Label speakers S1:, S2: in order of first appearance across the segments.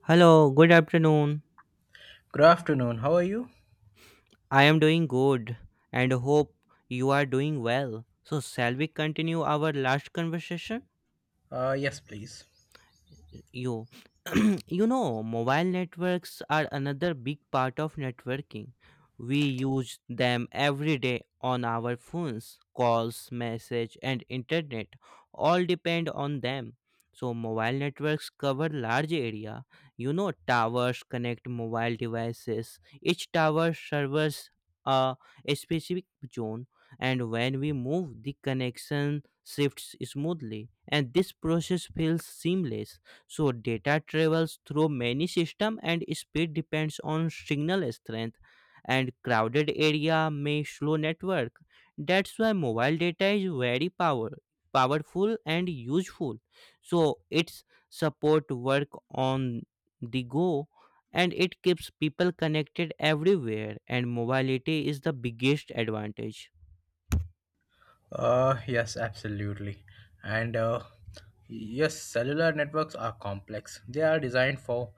S1: Hello, good afternoon.
S2: Good afternoon. How are you?
S1: I am doing good and hope you are doing well. So, shall we continue our last conversation?
S2: Yes, please.
S1: You you know mobile networks are another big part of networking. We use them every day on our phones. Calls, message and internet all depend on them. So mobile networks cover large area. You know towers connect mobile devices. Each tower serves a a specific zone, and when we move the connection shifts smoothly and this process feels seamless. So data travels through many systems and speed depends on signal strength, and crowded area may slow network. That's why mobile data is very powerful and useful. So it's support work on the go, and it keeps people connected everywhere, and mobility is the biggest advantage.
S2: Yes, absolutely. And yes, cellular networks are complex. They are designed for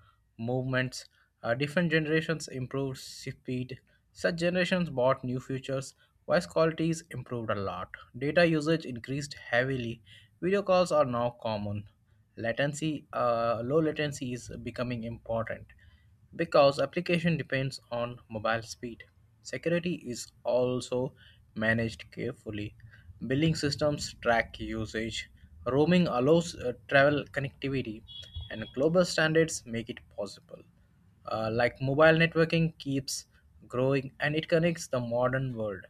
S2: movements. Different generations improved speed. Such generations bought new features. Voice quality is improved a lot. Data usage increased heavily. Video calls are now common. Low latency is becoming important because application depends on mobile speed. Security is also managed carefully. Billing systems track usage. Roaming allows travel connectivity, and global standards make it possible. Like mobile networking keeps growing and it connects the modern world.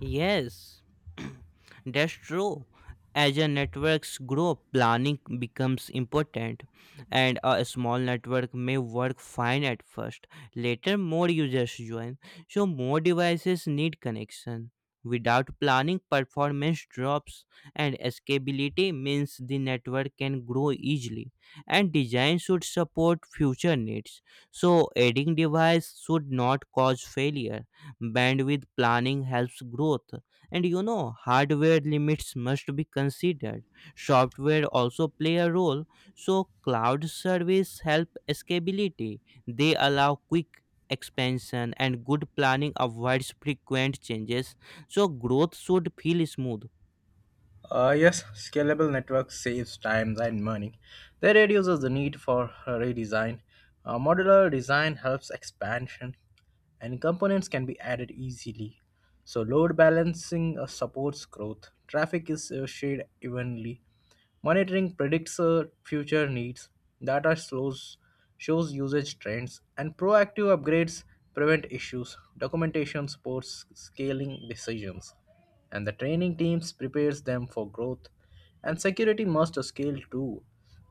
S1: Yes, that's true. As a networks grow, planning becomes important, and a small network may work fine at first. Later, more users join, so more devices need connection. Without planning, performance drops, and scalability means the network can grow easily. And design should support future needs, so adding device should not cause failure. Bandwidth planning helps growth, and you know hardware limits must be considered. Software also play a role, so cloud service help scalability. They allow quick expansion, and good planning avoids frequent changes, so growth should feel smooth.
S2: Yes, scalable network saves time and money. They reduces the need for redesign. Modular design helps expansion, and components can be added easily. So load balancing supports growth. Traffic is shared evenly. Monitoring predicts future needs, data slows, shows usage trends, and proactive upgrades prevent issues. Documentation supports scaling decisions, and the training teams prepares them for growth. And security must scale too.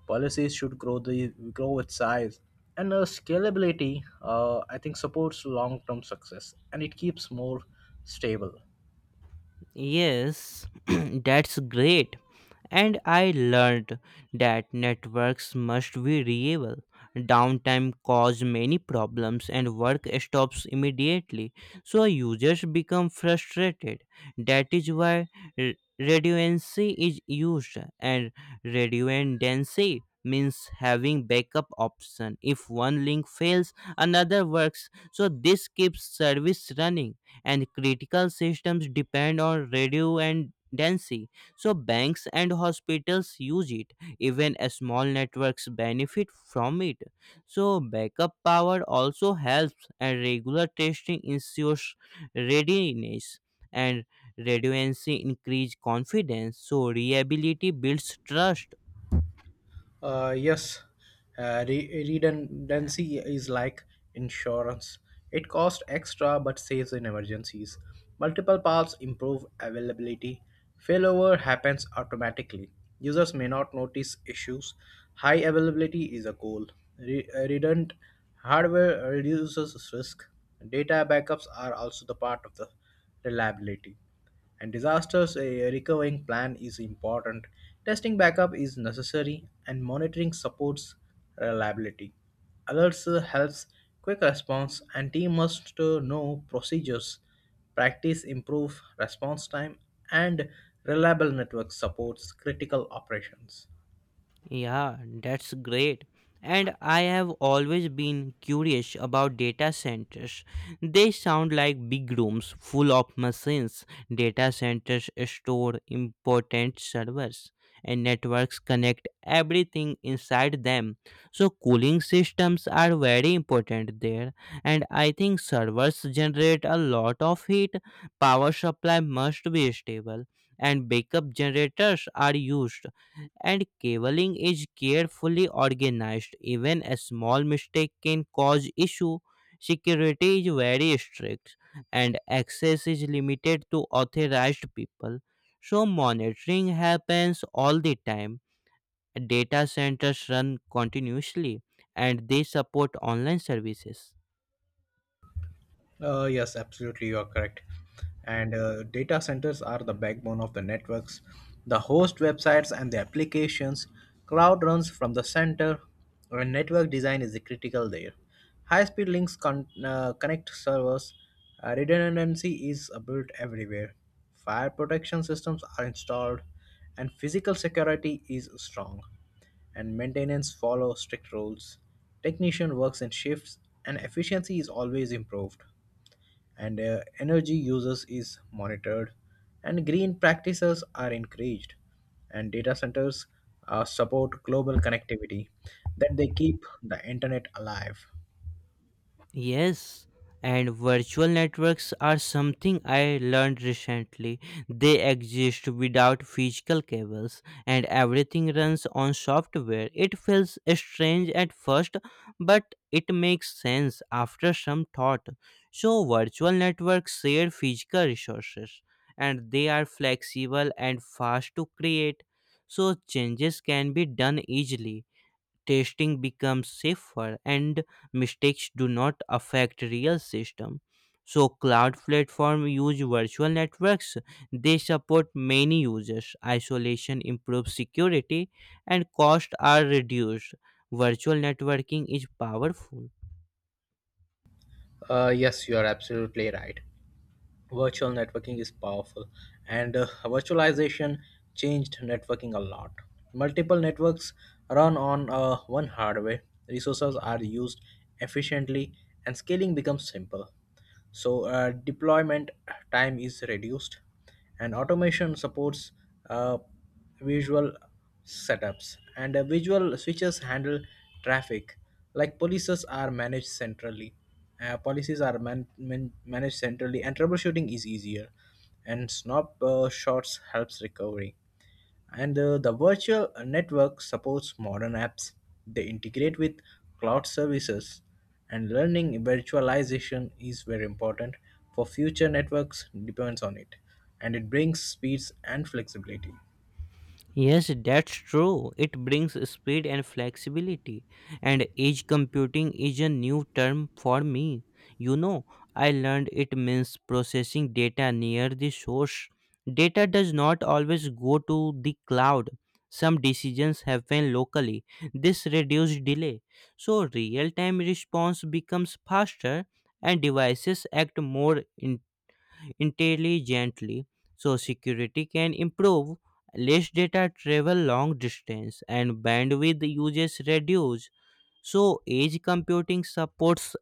S2: Policies should grow with size, and scalability I think supports long term success, and it keeps more stable.
S1: Yes, that's great. And I learned that networks must be reliable. Downtime cause many problems and work stops immediately. So users become frustrated. That is why r- redundancy is used, and redundancy means having backup option. If one link fails another works, so this keeps service running. And critical systems depend on radio and density, so banks and hospitals use it. Even a small networks benefit from it, so backup power also helps, and regular testing ensures readiness, and redundancy increase confidence, so reliability builds trust.
S2: Yes, redundancy is like insurance. It costs extra but saves in emergencies. Multiple paths improve availability. Failover happens automatically. Users may not notice issues. High availability is a goal. Redundant hardware reduces risk. Data backups are also the part of the reliability. And disasters a recovering plan is important. Testing backup is necessary and monitoring supports reliability. Alerts helps quick response and team must know procedures. Practice improve response time and reliable network supports critical operations.
S1: Yeah, that's great. And I have always been curious about data centers. They sound like big rooms full of machines. Data centers store important servers, and networks connect everything inside them. So, cooling systems are very important there. And I think servers generate a lot of heat. Power supply must be stable, and backup generators are used, and cabling is carefully organized. Even a small mistake can cause issue. Security is very strict, and access is limited to authorized people. So monitoring happens all the time. Data centers run continuously and they support online services.
S2: Yes, absolutely, you are correct. And data centers are the backbone of the networks, the host websites, and the applications. Cloud runs from the center, and network design is the critical there. High speed links connect servers. Redundancy is built everywhere. Fire protection systems are installed, and physical security is strong and maintenance follow strict rules. Technician works in shifts and efficiency is always improved, and energy uses is monitored and green practices are encouraged, and data centers support global connectivity that they keep the internet alive.
S1: Yes, and virtual networks are something I learned recently. They exist without physical cables, and everything runs on software. It feels strange at first, but it makes sense after some thought. So, virtual networks share physical resources, and they are flexible and fast to create. So, changes can be done easily. Testing becomes safer, and mistakes do not affect real system. So cloud platform use virtual networks. They support many users. Isolation improves security, and costs are reduced. Virtual networking is powerful.
S2: Yes, you are absolutely right. Virtual networking is powerful, and virtualization changed networking a lot. Multiple networks run on one hardware. Resources are used efficiently, and scaling becomes simple. So deployment time is reduced, and automation supports uh, visual setups, and visual switches handle traffic. Like policies are managed centrally. Policies are managed centrally and troubleshooting is easier, and snap shots helps recovery, and the virtual network supports modern apps. They integrate with cloud services, and learning virtualization is very important for future networks depends on it, and it brings speeds and flexibility.
S1: Yes, that's true. It brings speed and flexibility. And edge computing is a new term for me. You know, I learned it means processing data near the source. Data does not always go to the cloud. Some decisions happen locally. This reduces delay. So, real time response becomes faster, and devices act more intelligently, so security can improve. Less data travel long distance, and bandwidth uses reduce. So edge computing supports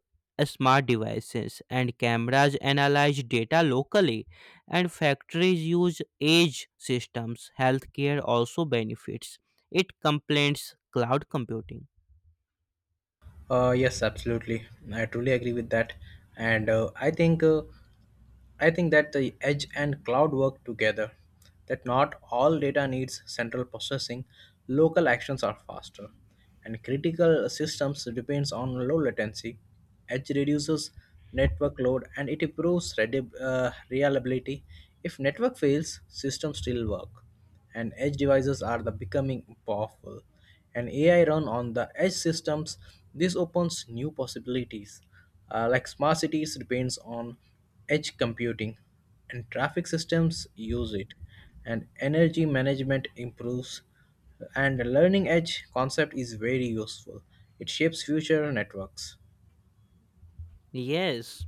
S1: smart devices, and cameras analyze data locally, and factories use edge systems. Healthcare also benefits. It complements cloud computing.
S2: Yes, absolutely. I truly agree with that, and I think that the edge and cloud work together. That not all data needs central processing. Local actions are faster, and critical systems depends on low latency. Edge reduces network load and it improves reliability. If network fails, systems still work, and edge devices are the becoming powerful, and AI run on the edge systems. This opens new possibilities. Like smart cities depends on edge computing, and traffic systems use it, and energy management improves, and the learning edge concept is very useful. It shapes future networks.
S1: Yes,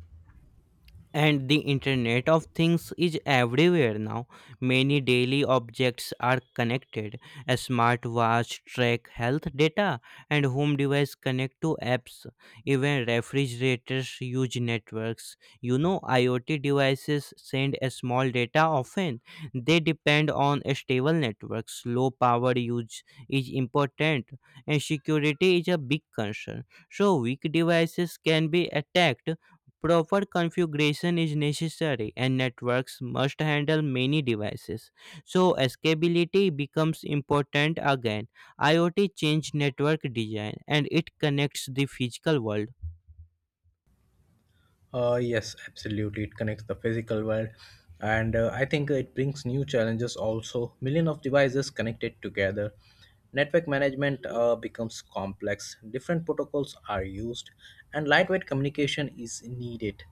S1: and the internet of things is everywhere now. Many daily objects are connected. A smartwatch track health data, and home device connect to apps. Even refrigerators use networks. You know, iot devices send a small data often. They depend on a stable networks. Low power use is important, and security is a big concern. So weak devices can be attacked. Proper configuration is necessary, and networks must handle many devices. So scalability becomes important again. IoT changed network design, and it connects the physical world.
S2: Yes, absolutely. It connects the physical world, and I think it brings new challenges also. Million of devices connected together. Network management becomes complex. Different protocols are used, and lightweight communication is needed.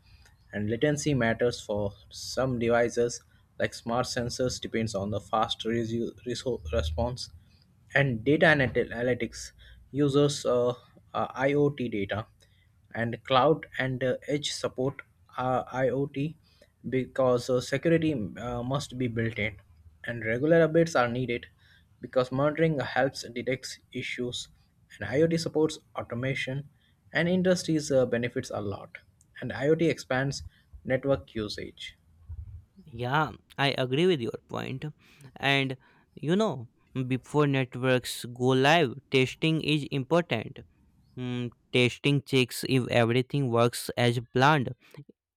S2: And latency matters for some devices, like smart sensors, depends on the fast response. And data and analytics users IoT data and cloud and edge support IoT. Because security must be built in and regular updates are needed, because monitoring helps detect issues and IoT supports automation and industries benefits a lot and IoT expands network usage.
S1: Yeah, I agree with your point. And you know, before networks go live, testing is important. Testing checks if everything works as planned.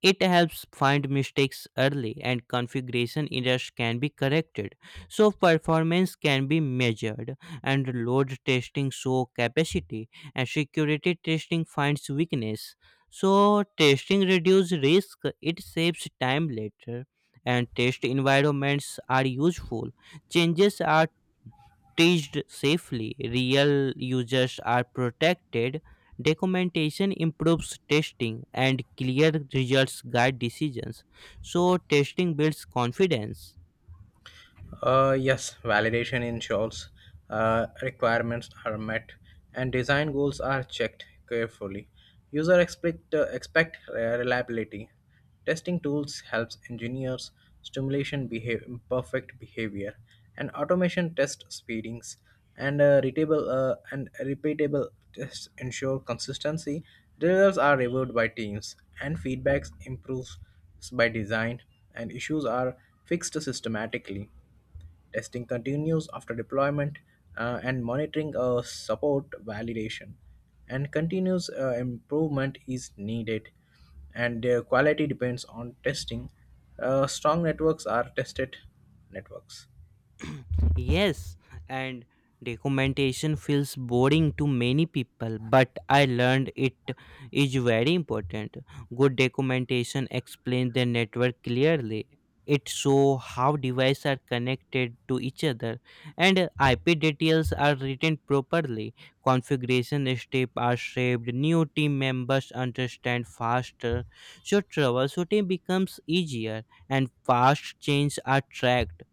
S1: It helps find mistakes early, and configuration errors can be corrected. So performance can be measured, and load testing shows capacity, and security testing finds weakness. So testing reduces risk. It saves time later, and test environments are useful. Changes are staged safely, real users are protected, documentation improves testing, and clear results guide decisions. So, testing builds confidence.
S2: Yes, validation ensures requirements are met and design goals are checked carefully. User expect reliability. Testing tools helps engineers, stimulation behave perfect behavior, and automation test speedings, and readable and repeatable tests ensure consistency. The results are reviewed by teams and feedbacks improves by design and issues are fixed systematically. Testing continues after deployment, and monitoring support validation. And continuous improvement is needed, and their quality depends on testing. Strong networks are tested networks.
S1: Yes, and documentation feels boring to many people, but I learned it is very important. Good documentation explains the network clearly. It shows how devices are connected to each other, and IP details are written properly. Configuration steps are saved. New team members understand faster, so troubleshooting becomes easier, and fast changes are tracked.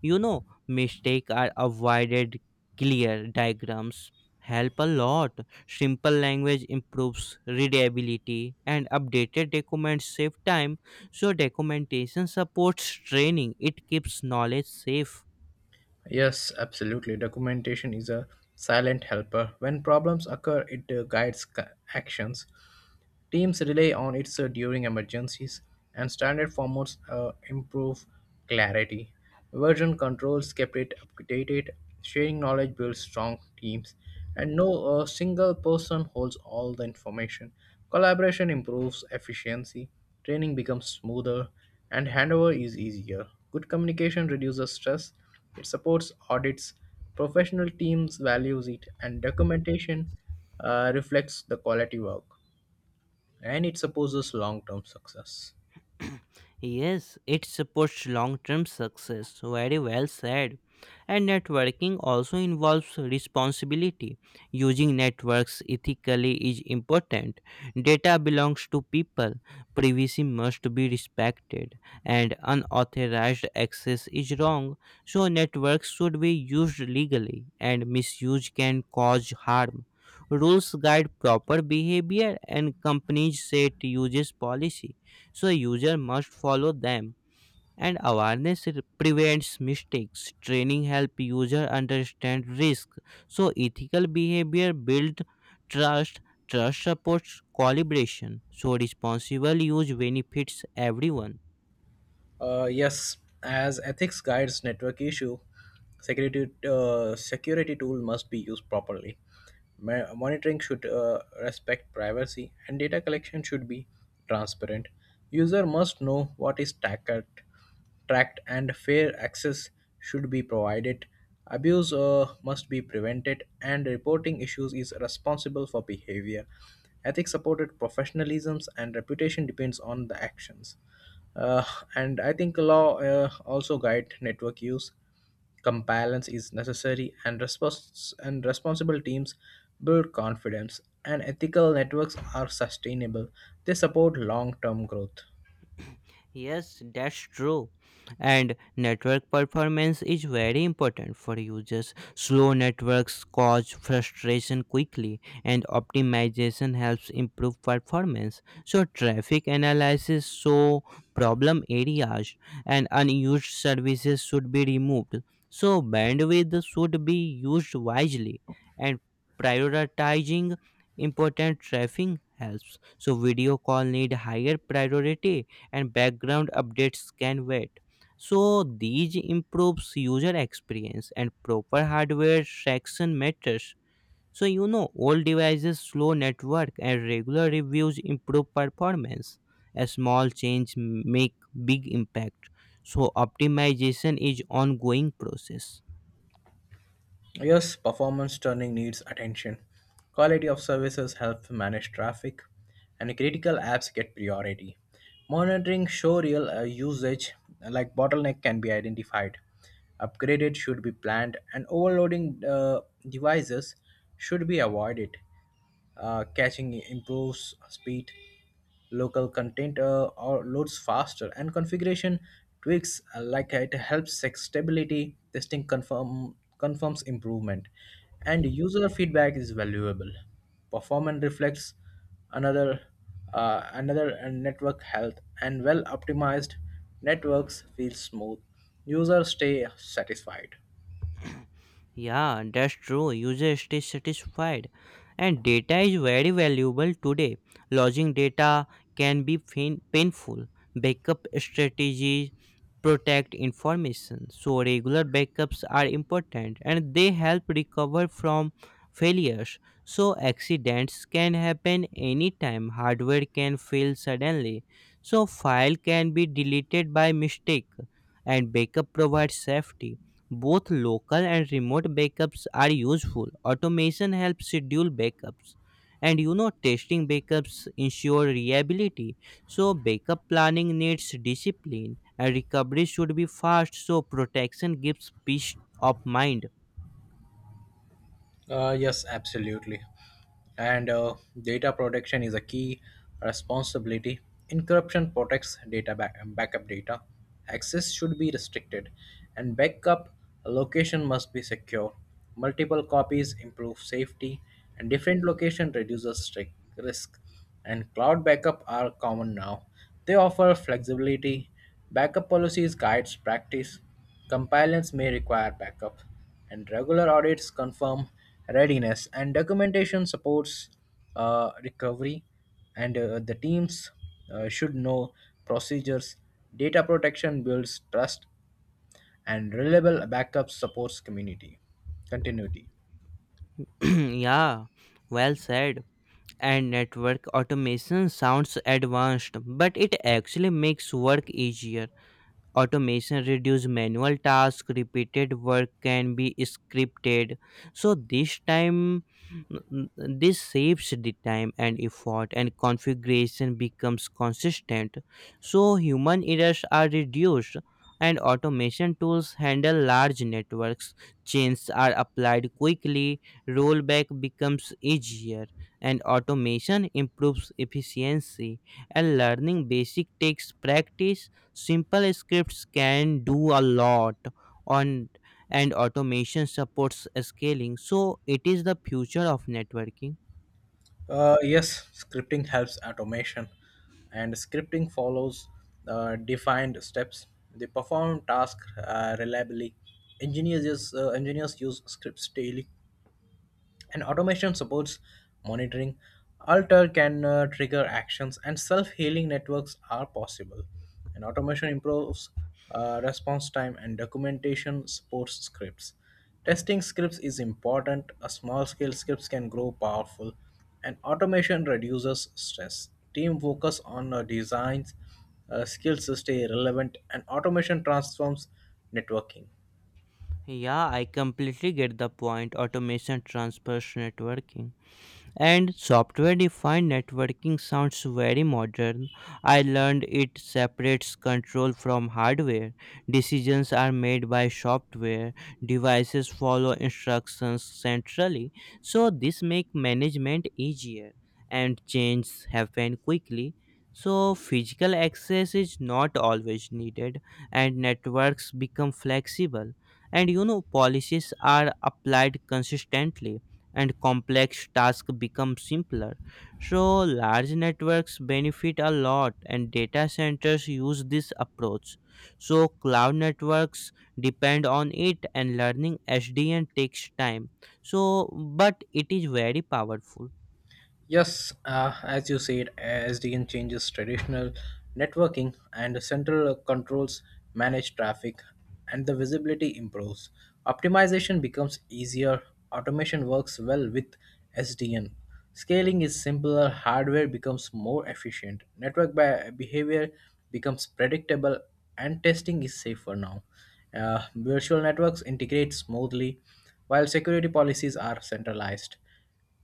S1: You know, mistakes are avoided. Clear diagrams help a lot. Simple language improves readability, and updated documents save time. So, documentation supports training. It keeps knowledge safe.
S2: Yes, absolutely. Documentation is a silent helper. When problems occur, it guides actions. Teams rely on it during emergencies, and standard formats improve clarity. Version controls kept it updated, sharing knowledge builds strong teams, and no single person holds all the information. Collaboration improves efficiency, training becomes smoother, and handover is easier. Good communication reduces stress, it supports audits, professional teams values it, and documentation reflects the quality work and it supposes long term success.
S1: Yes, it supports long term success. Very well said. And networking also involves responsibility. Using networks ethically is important. Data belongs to people. Privacy must be respected. And unauthorized access is wrong. So, networks should be used legally, and misuse can cause harm. Rules guide proper behavior, and companies set uses policy, so user must follow them, and awareness prevents mistakes. Training help user understand risk, so ethical behavior build trust. Trust supports collaboration, so responsible use benefits everyone.
S2: Yes, as ethics guides network issue, security tool must be used properly. Monitoring should respect privacy and data collection should be transparent. User must know what is tackled tracked and fair access should be provided. Abuse must be prevented, and reporting issues is responsible for behavior. Ethics supported professionalism and reputation depends on the actions. Uh, and I think law also guide network use. Compliance is necessary, and responsible teams build confidence. And ethical networks are sustainable. They support long-term growth.
S1: Yes, that's true. And network performance is very important for users. Slow networks cause frustration quickly, and optimization helps improve performance. So, traffic analysis show problem areas, and unused services should be removed. So, bandwidth should be used wisely, and prioritizing important traffic helps. So, video call need higher priority, and background updates can wait. So these improves user experience, and proper hardware traction matters. So you know old devices slow network, and regular reviews improve performance. A small change make big impact. So optimization is ongoing process.
S2: Yes, performance tuning needs attention. Quality of services help manage traffic, and critical apps get priority. Monitoring show real usage, like bottleneck, can be identified. Upgraded should be planned, and overloading devices should be avoided. Catching improves speed, local content or loads faster, and configuration tweaks, like it, helps sex stability. Testing confirms improvement, and user feedback is valuable. Performance reflects another another network health, and well optimized networks feel smooth, users stay satisfied.
S1: Yeah, that's true. User stays satisfied. And data is very valuable today. Losing data can be painful. Backup strategies protect information. So regular backups are important, and they help recover from failures. So accidents can happen anytime. Hardware can fail suddenly. So file can be deleted by mistake, and backup provides safety. Both local and remote backups are useful. Automation helps schedule backups. And you know, testing backups ensure reliability. So, backup planning needs discipline, and recovery should be fast. So, protection gives peace of mind.
S2: Yes, absolutely. And data protection is a key responsibility. Encryption protects backup data. Access should be restricted, and backup location must be secure. Multiple copies improve safety, and different location reduces strict risk, and cloud backup are common now. They offer flexibility. Backup policies guides practice. Compliance may require backup, and regular audits confirm readiness. And documentation supports recovery, and the teams should know procedures. Data protection builds trust, and reliable backup supports community continuity.
S1: Yeah, well said. And network automation sounds advanced, but it actually makes work easier. Automation reduce manual tasks. Repeated work can be scripted. So this time this saves the time and effort, and configuration becomes consistent. So human errors are reduced, and automation tools handle large networks. Changes are applied quickly, rollback becomes easier, and automation improves efficiency, and learning basic takes practice. Simple scripts can do a lot on, and automation supports scaling. So it is the future of networking.
S2: Yes, scripting helps automation, and scripting follows defined steps. They perform tasks reliably. Engineers use scripts daily and automation supports monitoring. Alter can trigger actions, and self-healing networks are possible, and automation improves response time, and documentation supports scripts. Testing scripts is important, a small scale scripts can grow powerful, and automation reduces stress. Team focus on designs, skills to stay relevant, and automation transforms networking.
S1: Yeah, I completely get the point. Automation transfers networking. And software defined networking sounds very modern. I learned it separates control from hardware. Decisions are made by software. Devices follow instructions centrally. So this make management easier, and change happen quickly. So physical access is not always needed, and networks become flexible, and you know policies are applied consistently, and complex tasks become simpler. So, large networks benefit a lot, and data centers use this approach. So, cloud networks depend on it, and learning SDN takes time. So, but it is very powerful.
S2: Yes, as you said, SDN changes traditional networking, and central controls manage traffic and the visibility improves. Optimization becomes easier, automation works well with SDN. Scaling is simpler, hardware becomes more efficient, network by behavior becomes predictable, and testing is safer now. Virtual networks integrate smoothly, while security policies are centralized.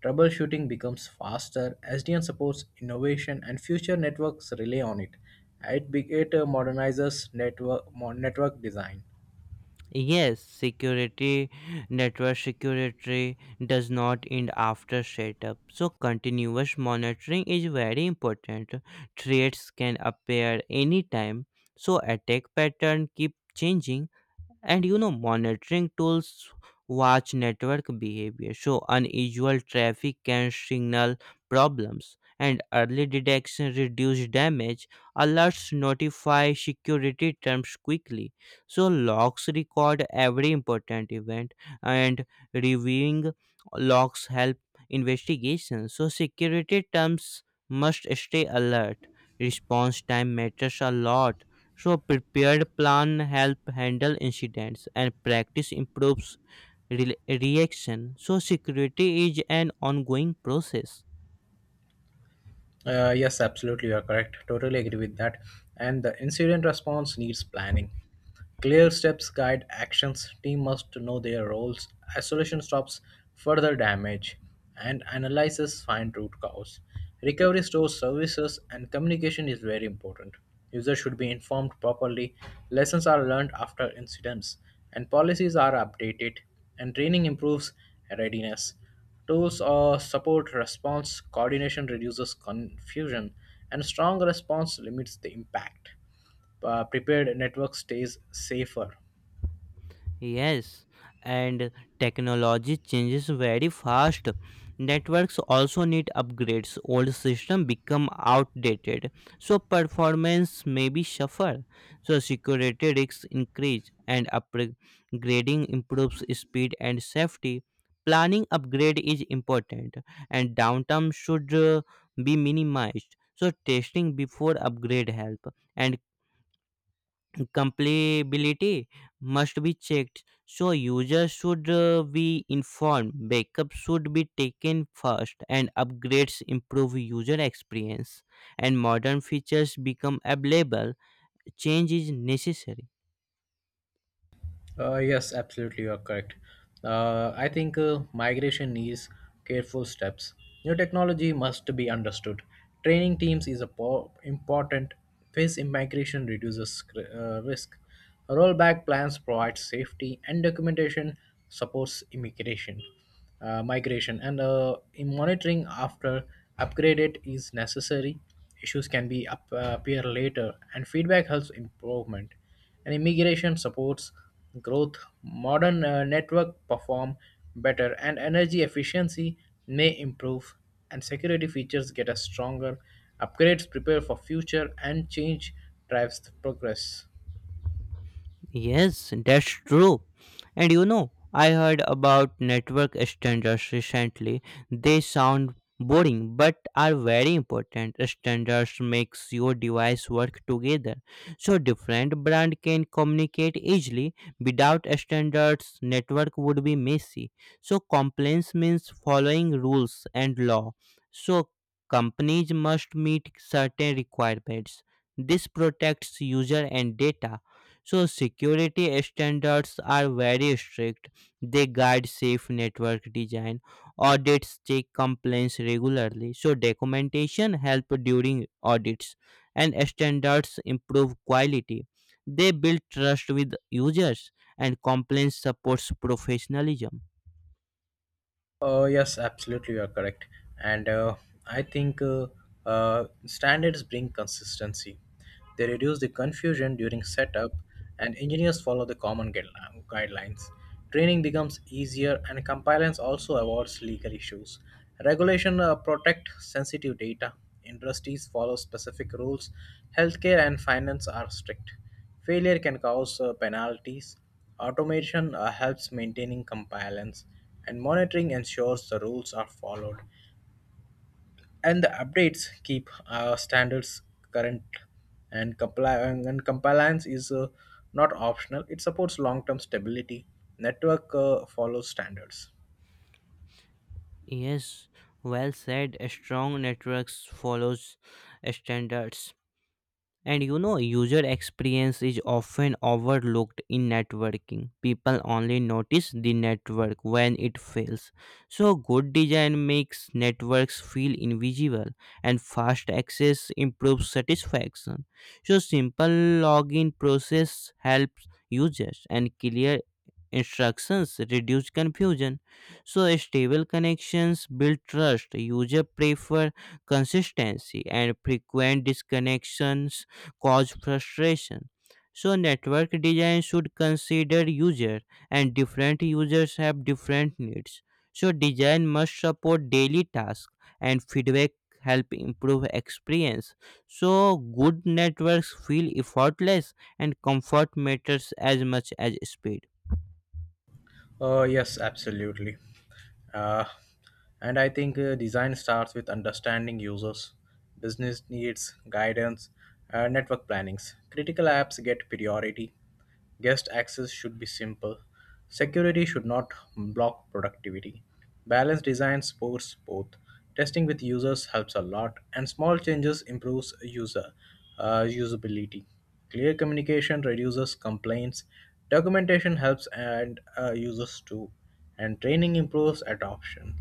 S2: Troubleshooting becomes faster. SDN supports innovation and future networks rely on it. It modernizes network, network design.
S1: Yes, security, network security does not end after setup, so continuous monitoring is very important. Threats can appear anytime, so attack pattern keep changing, and you know monitoring tools watch network behavior, so unusual traffic can signal problems, and early detection reduce damage. Alerts notify security terms quickly, so logs record every important event, and reviewing logs help investigation. So security terms must stay alert. Response time matters a lot, so prepared plan help handle incidents, and practice improves reaction. So security is an ongoing process.
S2: Yes, absolutely, you are correct. Totally agree with that. And the incident response needs planning. Clear steps guide actions. Team must know their roles. Isolation stops further damage, and analysis find root cause. Recovery stores services and communication is very important. Users should be informed properly. Lessons are learned after incidents, and policies are updated, and training improves readiness. Tools support response coordination, reduces confusion, and strong response limits the impact. Prepared network stays safer.
S1: Yes, and technology changes very fast. Networks also need upgrades. Old system become outdated, so performance may be suffer. So security risks increase, and upgrading improves speed and safety. Planning upgrade is important, and downtime should be minimized. So testing before upgrade help, and compatibility must be checked, so users should be informed. Backup should be taken first, and upgrades improve user experience, and modern features become available. Change is necessary.
S2: Yes, absolutely, you are correct. I think migration needs careful steps. New technology must be understood. Training teams is a important. Phase immigration reduces risk. Rollback plans provide safety, and documentation supports immigration, migration, and in monitoring after upgraded is necessary. Issues can appear later, and feedback helps improvement, and immigration supports growth, modern network perform better, and energy efficiency may improve, and security features get a stronger. Upgrades prepare for future, and change drives the progress.
S1: Yes, that's true. And you know, I heard about network standards recently. They sound boring but are very important. Standards makes your device work together, so different brand can communicate easily. Without standards, network would be messy. So compliance means following rules and law. So companies must meet certain requirements. This protects user and data, so security standards are very strict. They guide safe network design. Audits check complaints regularly. So documentation help during audits, and standards improve quality. They build trust with users, and complaints supports professionalism.
S2: Yes, absolutely, you are correct. And I think standards bring consistency. They reduce the confusion during setup, and engineers follow the common guidelines. Training becomes easier, and compliance also avoids legal issues. Regulation protect sensitive data. Industries follow specific rules. Healthcare and finance are strict. Failure can cause penalties. Automation helps maintaining compliance, and monitoring ensures the rules are followed. And the updates keep standards current, and compliance is not optional. It supports long-term stability. Network follows standards.
S1: Yes, well said. Strong networks follows standards. And you know, user experience is often overlooked in networking. People only notice the network when it fails. So, good design makes networks feel invisible, and fast access improves satisfaction. So, simple login process helps users, and clear instructions reduce confusion. So, stable connections build trust. User prefer consistency, and frequent disconnections cause frustration. So network design should consider user, and different users have different needs. So design must support daily tasks, and feedback help improve experience. So good networks feel effortless, and comfort matters as much as speed.
S2: Yes, absolutely. Uh, and I think design starts with understanding users, business needs, guidance, network plannings. Critical apps get priority. Guest access should be simple. Security should not block productivity. Balanced design supports both. Testing with users helps a lot, and small changes improves user usability. Clear communication reduces complaints, documentation helps and users too, and training improves adoption.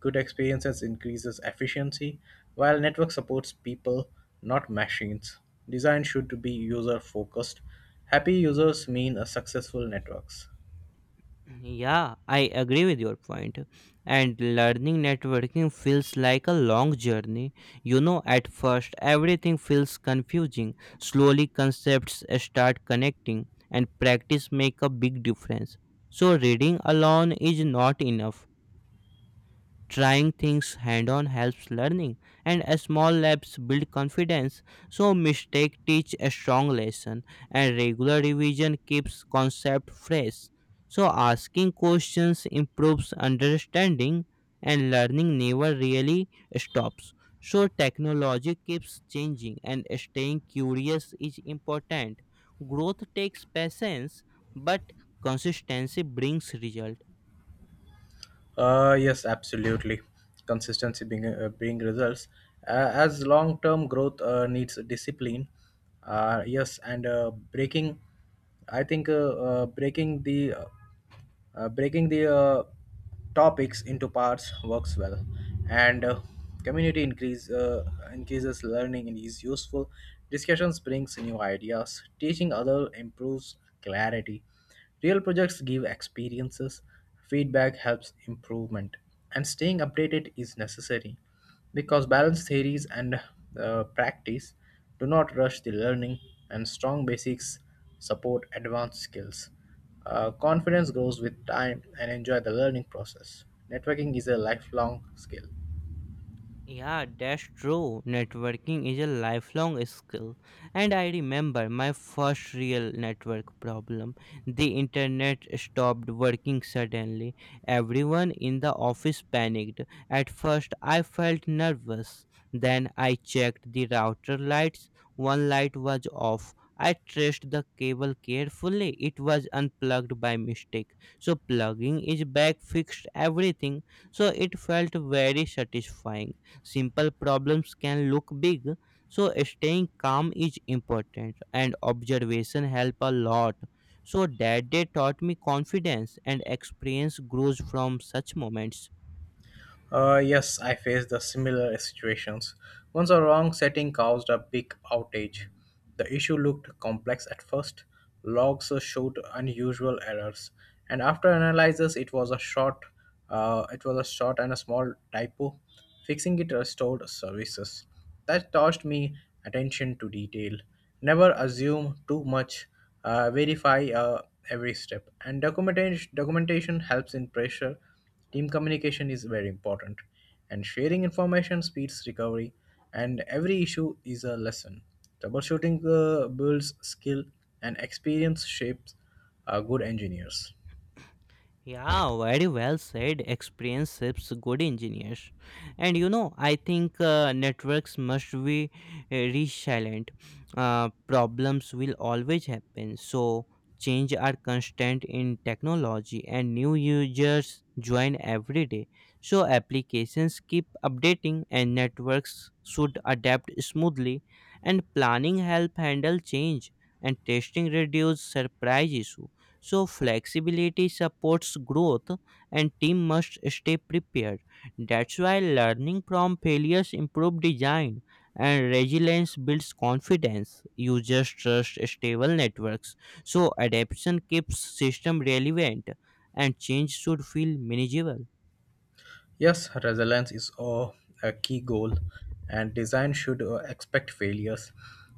S2: Good experiences increases efficiency, while network supports people, not machines. Design should be user focused. Happy users mean a successful networks.
S1: Yeah, I agree with your point. And learning networking feels like a long journey. You know, at first, everything feels confusing. Slowly, concepts start connecting, and practice make a big difference. So, reading alone is not enough. Trying things hand on helps learning, and a small labs build confidence. So mistake teach a strong lesson, and regular revision keeps concept fresh. So asking questions improves understanding, and learning never really stops. So technology keeps changing, and staying curious is important. Growth takes patience, but consistency brings result.
S2: Yes, absolutely. Consistency being results as long term growth needs discipline. Yes, and breaking, I think uh, breaking the uh, breaking the topics into parts works well, and community increases learning and is useful. Discussions brings new ideas. Teaching other improves clarity. Real projects give experiences. Feedback helps improvement, and staying updated is necessary, because balanced theories and practice do not rush the learning, and strong basics support advanced skills. Confidence grows with time and enjoy the learning process. Networking is a lifelong skill.
S1: Yeah, that's true. Networking is a lifelong skill. And I remember my first real network problem. The internet stopped working suddenly. Everyone in the office panicked. At first, I felt nervous. Then I checked the router lights. One light was off. I traced the cable carefully. It was unplugged by mistake. So plugging is back fixed everything. So it felt very satisfying. Simple problems can look big, so staying calm is important, and observation help a lot. So that day taught me confidence, and experience grows from such moments.
S2: Yes, I faced the similar situations. Once a wrong setting caused a big outage. The issue looked complex at first. Logs showed unusual errors, and after analysis, it was a short, it was a short and a small typo. Fixing it restored services. That taught me attention to detail. Never assume too much. Verify every step. And documentation helps in pressure. Team communication is very important, and sharing information speeds recovery, and every issue is a lesson. Troubleshooting builds skill, and experience shapes good engineers.
S1: Yeah, very well said. Experience shapes good engineers. And you know, I think networks must be resilient. Problems will always happen. So, change are constant in technology, and new users join every day. So, applications keep updating, and networks should adapt smoothly, and planning help handle change, and testing reduce surprise issue. So, flexibility supports growth, and team must stay prepared. That's why learning from failures improve design, and resilience builds confidence. Users trust stable networks, so adaptation keeps system relevant, and change should feel manageable.
S2: Yes, resilience is a key goal, and design should expect failures.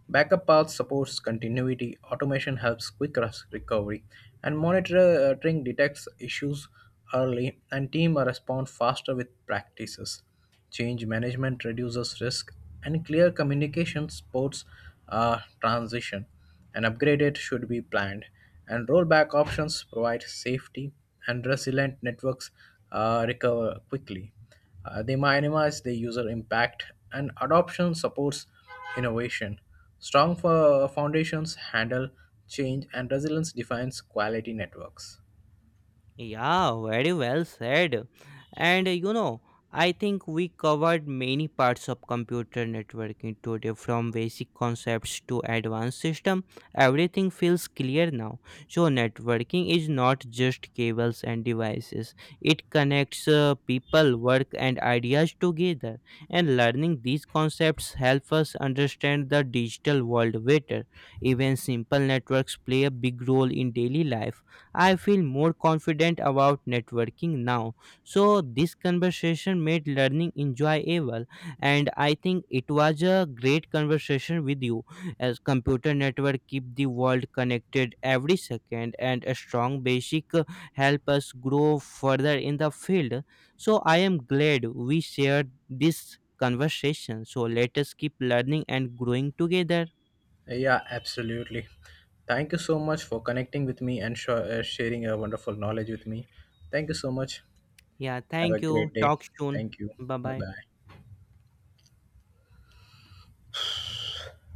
S2: Backup path supports continuity, automation helps quick recovery, and monitoring detects issues early, and team respond faster with practices. Change management reduces risk, and clear communication supports transition. An upgrade should be planned, and rollback options provide safety, and resilient networks recover quickly. They minimize the user impact, and adoption supports innovation. Strong foundations handle change, and resilience defines quality networks.
S1: Yeah, very well said. And you know, I think we covered many parts of computer networking today, from basic concepts to advanced system. Everything feels clear now. So networking is not just cables and devices. It connects people, work and ideas together. And learning these concepts help us understand the digital world better. Even simple networks play a big role in daily life. I feel more confident about networking now. So, this conversation made learning enjoyable, and I think it was a great conversation with you. As computer network keep the world connected every second, and a strong basic help us grow further in the field. So, I am glad we shared this conversation. So, let us keep learning and growing together.
S2: Yeah, absolutely. Thank you so much for connecting with me and sharing your wonderful knowledge with me. Thank you so much.
S1: Yeah,
S2: Have a
S1: thank you.
S2: great day.
S1: Talk soon.
S2: Thank you.
S1: Bye
S2: Bye
S1: bye.
S2: bye.